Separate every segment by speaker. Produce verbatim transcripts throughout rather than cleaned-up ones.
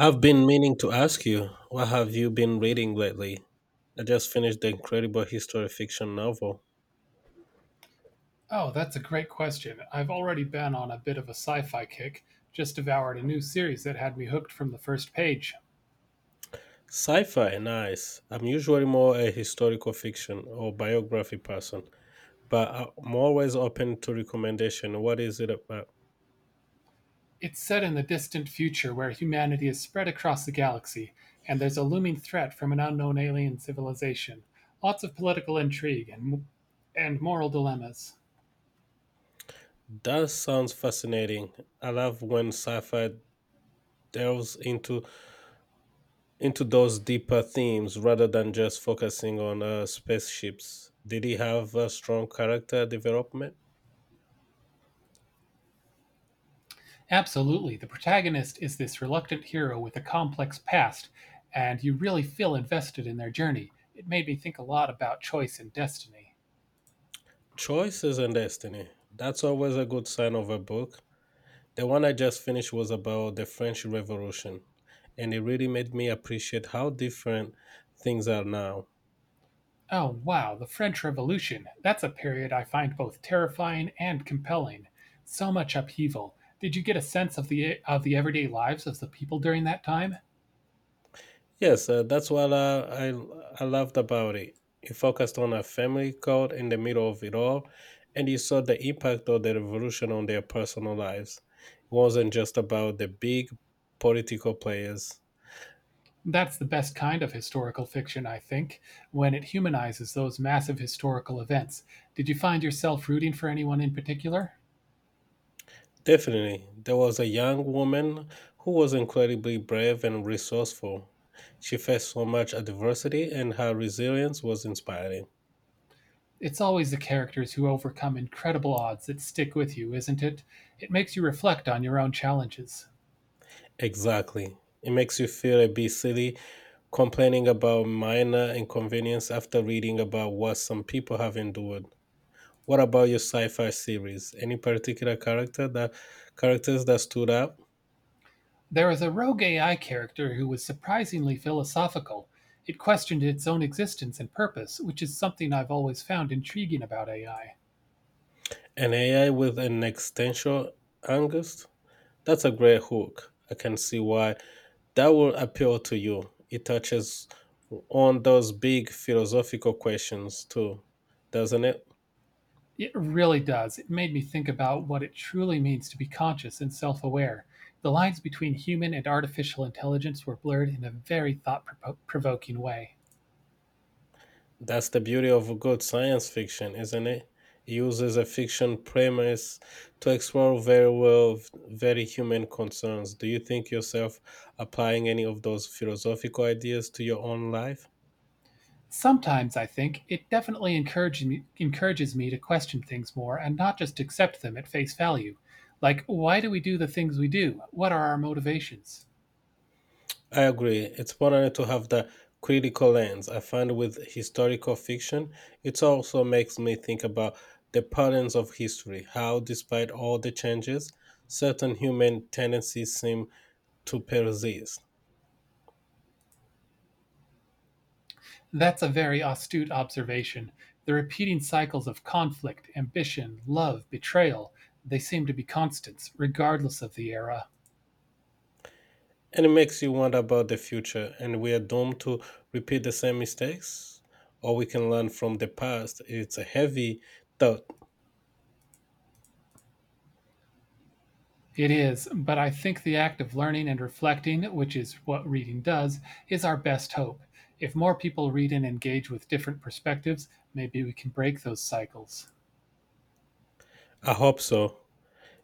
Speaker 1: I've been meaning to ask you, what have you been reading lately? I just finished the incredible history fiction novel.
Speaker 2: Oh, that's a great question. I've already been on a bit of a sci fi kick, just devoured a new series that had me hooked from the first page.
Speaker 1: Sci fi, nice. I'm usually more a historical fiction or biography person, but I'm always open to recommendation. What is it about?
Speaker 2: It's set in the distant future where humanity is spread across the galaxy, and there's a looming threat from an unknown alien civilization. Lots of political intrigue and, and moral dilemmas.
Speaker 1: That sounds fascinating. I love when sci fi delves into into those deeper themes rather than just focusing on uh, spaceships. Did he have a strong character development?
Speaker 2: Absolutely, the protagonist is this reluctant hero with a complex past, and you really feel invested in their journey. It made me think a lot about choice and destiny.
Speaker 1: Choices and Destiny. That's always a good sign of a book. The one I just finished was about the French Revolution, and it really made me appreciate how different things are now.
Speaker 2: Oh wow, the French Revolution. That's a period I find both terrifying and compelling. So much upheaval. Did you get a sense of the of the everyday lives of the people during that time?
Speaker 1: Yes, uh, that's what uh, I, I loved about it. It focused on a family caught in the middle of it all, and you saw the impact of the revolution on their personal lives. It wasn't just about the big political players.
Speaker 2: That's the best kind of historical fiction, I think, when it humanizes those massive historical events. Did you find yourself rooting for anyone in particular?
Speaker 1: Definitely. There was a young woman who was incredibly brave and resourceful. She faced so much adversity, and her resilience was inspiring.
Speaker 2: It's always the characters who overcome incredible odds that stick with you, isn't it? It makes you reflect on your own challenges.
Speaker 1: Exactly. It makes you feel a bit silly complaining about minor inconvenience after reading about what some people have endured. What about your sci-fi series? Any particular character that characters that stood out?
Speaker 2: There is a rogue A I character who was surprisingly philosophical. It questioned its own existence and purpose, which is something I've always found intriguing about A I.
Speaker 1: An A I with an existential angst? That's a great hook. I can see why that will appeal to you. It touches on those big philosophical questions too, doesn't it?
Speaker 2: It really does. It made me think about what it truly means to be conscious and self aware. The lines between human and artificial intelligence were blurred in a very thought provoking way.
Speaker 1: That's the beauty of good science fiction, isn't it? It uses a fiction premise to explore very well very human concerns. Do you think yourself applying any of those philosophical ideas to your own life?
Speaker 2: Sometimes I think it definitely encourages me, encourages me to question things more and not just accept them at face value. Like, why do we do the things we do? What are our motivations?
Speaker 1: I agree. It's important to have the critical lens. I find with historical fiction, it also makes me think about the patterns of history, how, despite all the changes, certain human tendencies seem to persist.
Speaker 2: That's a very astute observation. The repeating cycles of conflict, ambition, love, betrayal, they seem to be constants, regardless of the era.
Speaker 1: And it makes you wonder about the future and we are doomed to repeat the same mistakes, or we can learn from the past. It's a heavy thought.
Speaker 2: It is, but I think the act of learning and reflecting, which is what reading does, is our best hope. If more people read and engage with different perspectives, maybe we can break those cycles.
Speaker 1: I hope so.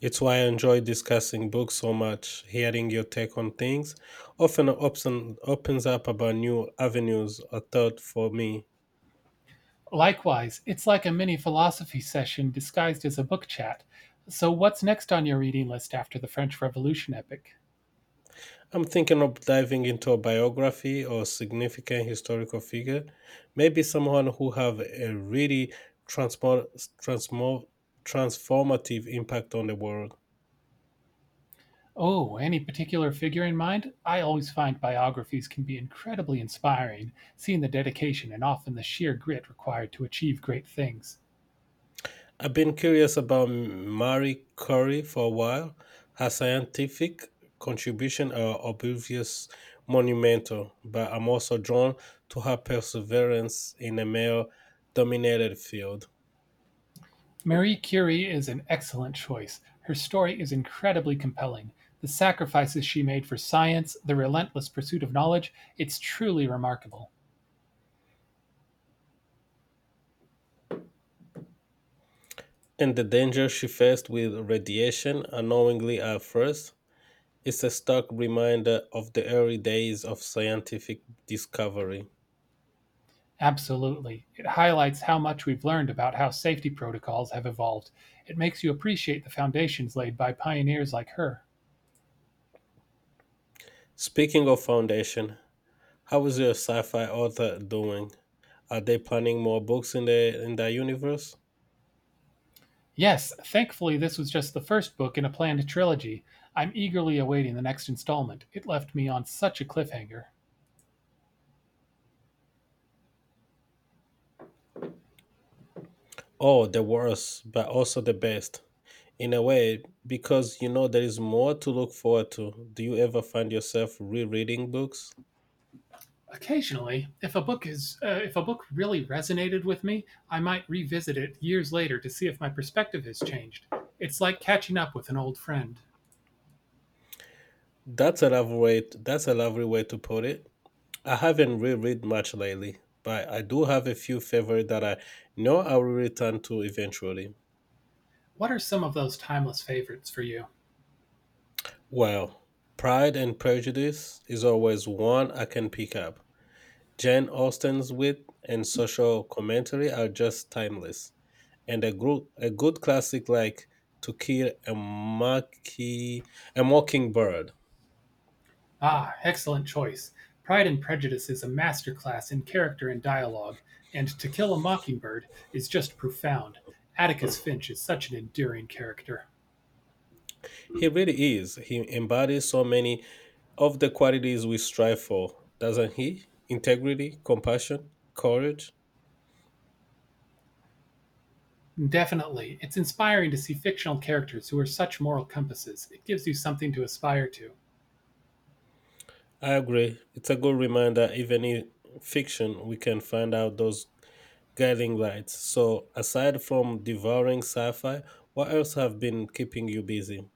Speaker 1: It's why I enjoy discussing books so much. Hearing your take on things often opens, opens up about new avenues of thought for me.
Speaker 2: Likewise, it's like a mini philosophy session disguised as a book chat. So, what's next on your reading list after the French Revolution epic?
Speaker 1: I'm thinking of diving into a biography or significant historical figure, maybe someone who have a really transform, transform, transformative impact on the world.
Speaker 2: Oh, any particular figure in mind? I always find biographies can be incredibly inspiring, seeing the dedication and often the sheer grit required to achieve great things.
Speaker 1: I've been curious about Marie Curie for a while. Her scientific contribution are obvious monumental, but I'm also drawn to her perseverance in a male dominated field
Speaker 2: Marie Curie is an excellent choice. Her story is incredibly compelling. The sacrifices she made for science, the relentless pursuit of knowledge, it's truly remarkable.
Speaker 1: and the danger she faced with radiation unknowingly at first. It's a stark reminder of the early days of scientific discovery.
Speaker 2: Absolutely. It highlights how much we've learned about how safety protocols have evolved. It makes you appreciate the foundations laid by pioneers like her.
Speaker 1: Speaking of foundation, how is your sci-fi author doing? Are they planning more books in the in the universe?
Speaker 2: Yes, thankfully this was just the first book in a planned trilogy. I'm eagerly awaiting the next installment. It left me on such a cliffhanger.
Speaker 1: Oh, the worst, but also the best in a way because you know there is more to look forward to. Do you ever find yourself rereading books?
Speaker 2: Occasionally, if a book is uh, if a book really resonated with me, I might revisit it years later to see if my perspective has changed. It's like catching up with an old friend.
Speaker 1: That's a lovely way. That's a lovely way to put it. I haven't reread much lately, but I do have a few favorites that I know I will return to eventually.
Speaker 2: What are some of those timeless favorites for you?
Speaker 1: Well, Pride and Prejudice is always one I can pick up. Jane Austen's wit and social commentary are just timeless. And a good a good classic like To Kill a Mocking a Mockingbird.
Speaker 2: Ah, excellent choice. "Pride and Prejudice" is a masterclass in character and dialogue, and "To Kill a Mockingbird" is just profound. Atticus Finch is such an endearing character.
Speaker 1: He really is. He embodies so many of the qualities we strive for, doesn't he? Integrity, compassion, courage.
Speaker 2: Definitely. It's inspiring to see fictional characters who are such moral compasses. It gives you something to aspire to.
Speaker 1: I agree. It's a good reminder, even in fiction, we can find out those guiding lights. So, aside from devouring sci fi, what else have been keeping you busy?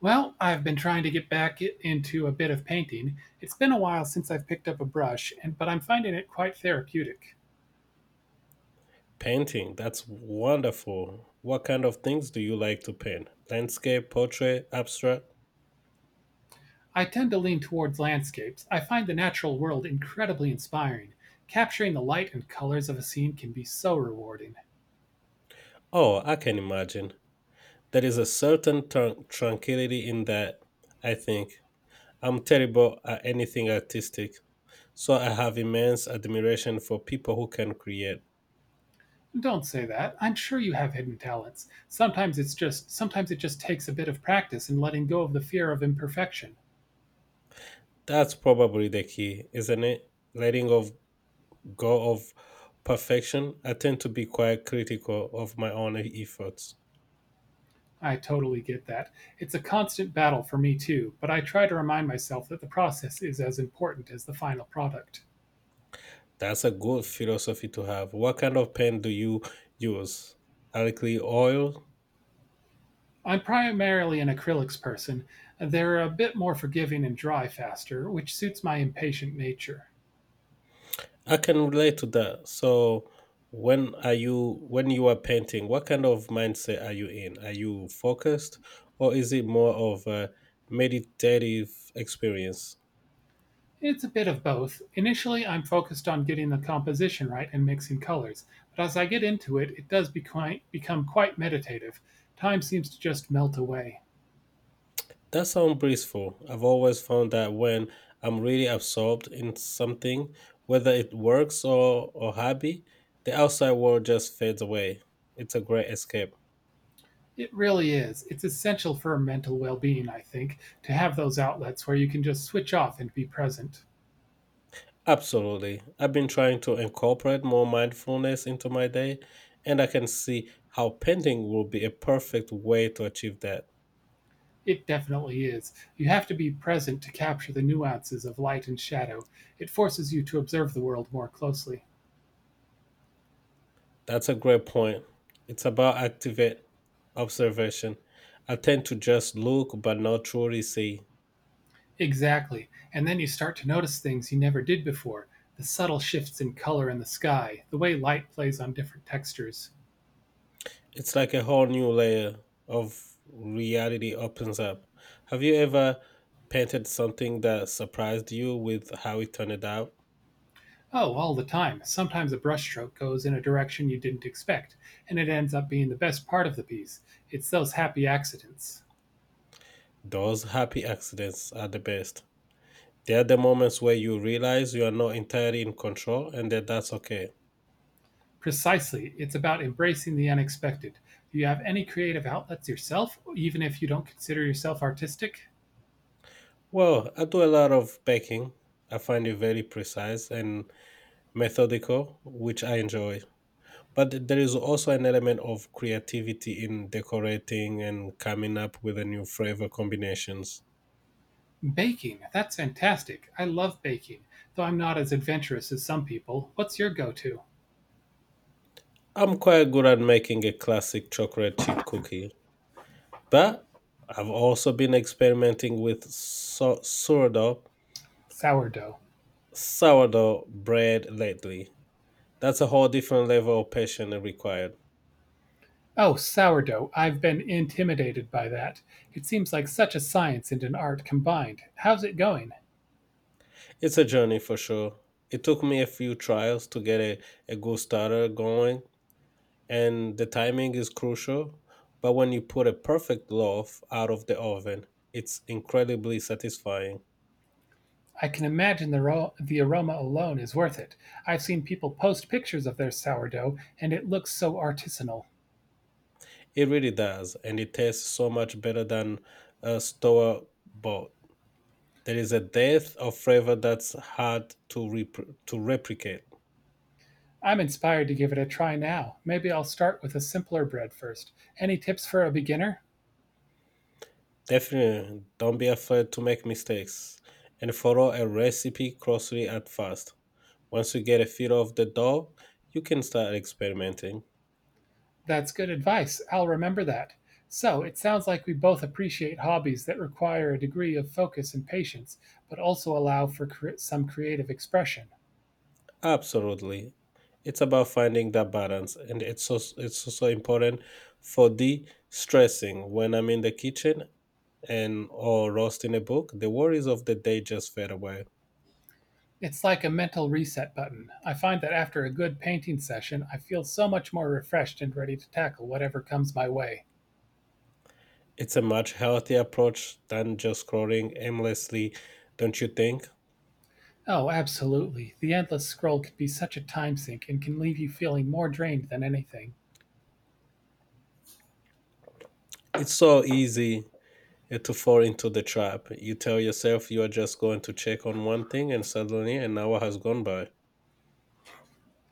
Speaker 2: Well, I've been trying to get back i- into a bit of painting. It's been a while since I've picked up a brush, and but I'm finding it quite therapeutic.
Speaker 1: Painting, that's wonderful. What kind of things do you like to paint? Landscape, portrait, abstract?
Speaker 2: I tend to lean towards landscapes. I find the natural world incredibly inspiring. Capturing the light and colors of a scene can be so rewarding.
Speaker 1: Oh, I can imagine. There is a certain tran- tranquility in that, I think. I'm terrible at anything artistic, so I have immense admiration for people who can create.
Speaker 2: Don't say that. I'm sure you have hidden talents. Sometimes it's just sometimes it just takes a bit of practice and letting go of the fear of imperfection.
Speaker 1: That's probably the key, isn't it? Letting of go of perfection. I tend to be quite critical of my own efforts.
Speaker 2: I totally get that. It's a constant battle for me too, but I try to remind myself that the process is as important as the final product.
Speaker 1: That's a good philosophy to have. What kind of paint do you use? Alkali oil?
Speaker 2: I'm primarily an acrylics person. They're a bit more forgiving and dry faster, which suits my impatient nature.
Speaker 1: I can relate to that. So when are you when you are painting, what kind of mindset are you in? Are you focused or is it more of a meditative experience?
Speaker 2: It's a bit of both. Initially, I'm focused on getting the composition right and mixing colors, but as I get into it, it does become, become quite meditative. Time seems to just melt away.
Speaker 1: That sounds blissful. I've always found that when I'm really absorbed in something, whether it works or, or hobby, the outside world just fades away. It's a great escape.
Speaker 2: It really is. It's essential for mental well being, I think, to have those outlets where you can just switch off and be present.
Speaker 1: Absolutely. I've been trying to incorporate more mindfulness into my day, and I can see how painting will be a perfect way to achieve that.
Speaker 2: It definitely is. You have to be present to capture the nuances of light and shadow. It forces you to observe the world more closely.
Speaker 1: That's a great point. It's about active observation. I tend to just look but not truly see.
Speaker 2: Exactly. And then you start to notice things you never did before the subtle shifts in color in the sky, the way light plays on different textures.
Speaker 1: It's like a whole new layer of reality opens up. Have you ever painted something that surprised you with how it turned out?
Speaker 2: Oh, all the time. Sometimes a brushstroke goes in a direction you didn't expect, and it ends up being the best part of the piece. It's those happy accidents.
Speaker 1: Those happy accidents are the best. They are the moments where you realize you are not entirely in control and that that's okay.
Speaker 2: Precisely. It's about embracing the unexpected. Do you have any creative outlets yourself, even if you don't consider yourself artistic?
Speaker 1: Well, I do a lot of baking. I find it very precise and methodical, which I enjoy. But there is also an element of creativity in decorating and coming up with a new flavor combinations.
Speaker 2: Baking. That's fantastic. I love baking, though I'm not as adventurous as some people. What's your go to?
Speaker 1: I'm quite good at making a classic chocolate chip cookie, but I've also been experimenting with so- sourdough
Speaker 2: Sourdough.
Speaker 1: sourdough bread lately. That's a whole different level of patience required.
Speaker 2: Oh, sourdough, I've been intimidated by that. It seems like such a science and an art combined. How's it going?
Speaker 1: It's a journey for sure. It took me a few trials to get a, a good starter going, and the timing is crucial. But when you put a perfect loaf out of the oven, it's incredibly satisfying.
Speaker 2: I can imagine the, ro- the aroma alone is worth it. I've seen people post pictures of their sourdough, and it looks so artisanal.
Speaker 1: It really does, and it tastes so much better than a store bought. There is a depth of flavor that's hard to, rep- to replicate.
Speaker 2: I'm inspired to give it a try now. Maybe I'll start with a simpler bread first. Any tips for a beginner?
Speaker 1: Definitely, don't be afraid to make mistakes and follow a recipe closely at first. Once you get a feel of the dough, you can start experimenting.
Speaker 2: That's good advice. I'll remember that. So, it sounds like we both appreciate hobbies that require a degree of focus and patience, but also allow for cre- some creative expression.
Speaker 1: Absolutely. It's about finding that balance, and it's so, it's also important for de stressing. When I'm in the kitchen and or roasting a book, the worries of the day just fade away.
Speaker 2: It's like a mental reset button. I find that after a good painting session, I feel so much more refreshed and ready to tackle whatever comes my way.
Speaker 1: It's a much healthier approach than just scrolling aimlessly, don't you think?
Speaker 2: Oh, absolutely. The endless scroll can be such a time sink and can leave you feeling more drained than anything.
Speaker 1: It's so easy eh, to fall into the trap. You tell yourself you are just going to check on one thing, and suddenly an hour has gone by.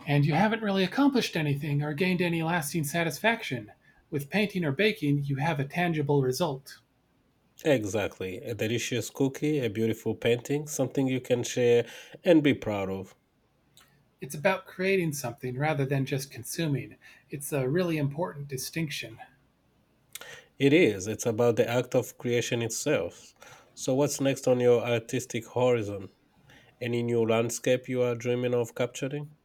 Speaker 2: And you haven't really accomplished anything or gained any lasting satisfaction. With painting or baking, you have a tangible result.
Speaker 1: Exactly. A delicious cookie, a beautiful painting, something you can share and be proud of.
Speaker 2: It's about creating something rather than just consuming. It's a really important distinction.
Speaker 1: It is. It's about the act of creation itself. So, what's next on your artistic horizon? Any new landscape you are dreaming of capturing?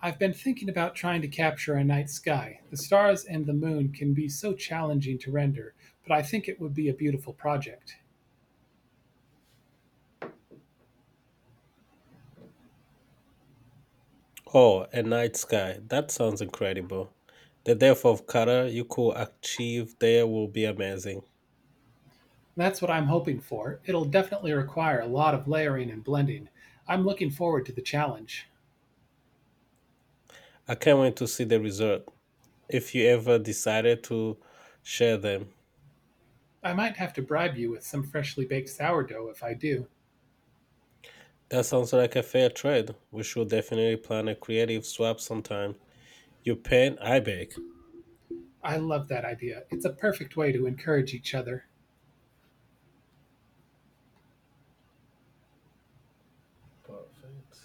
Speaker 2: I've been thinking about trying to capture a night sky. The stars and the moon can be so challenging to render, but I think it would be a beautiful project.
Speaker 1: Oh, a night sky. That sounds incredible. The depth of color you could achieve there will be amazing.
Speaker 2: That's what I'm hoping for. It'll definitely require a lot of layering and blending. I'm looking forward to the challenge.
Speaker 1: I can't wait to see the result, if you ever decided to share them.
Speaker 2: I might have to bribe you with some freshly baked sourdough if I do.
Speaker 1: That sounds like a fair trade. We should definitely plan a creative swap sometime. You paint, I bake.
Speaker 2: I love that idea. It's a perfect way to encourage each other.
Speaker 1: Perfect.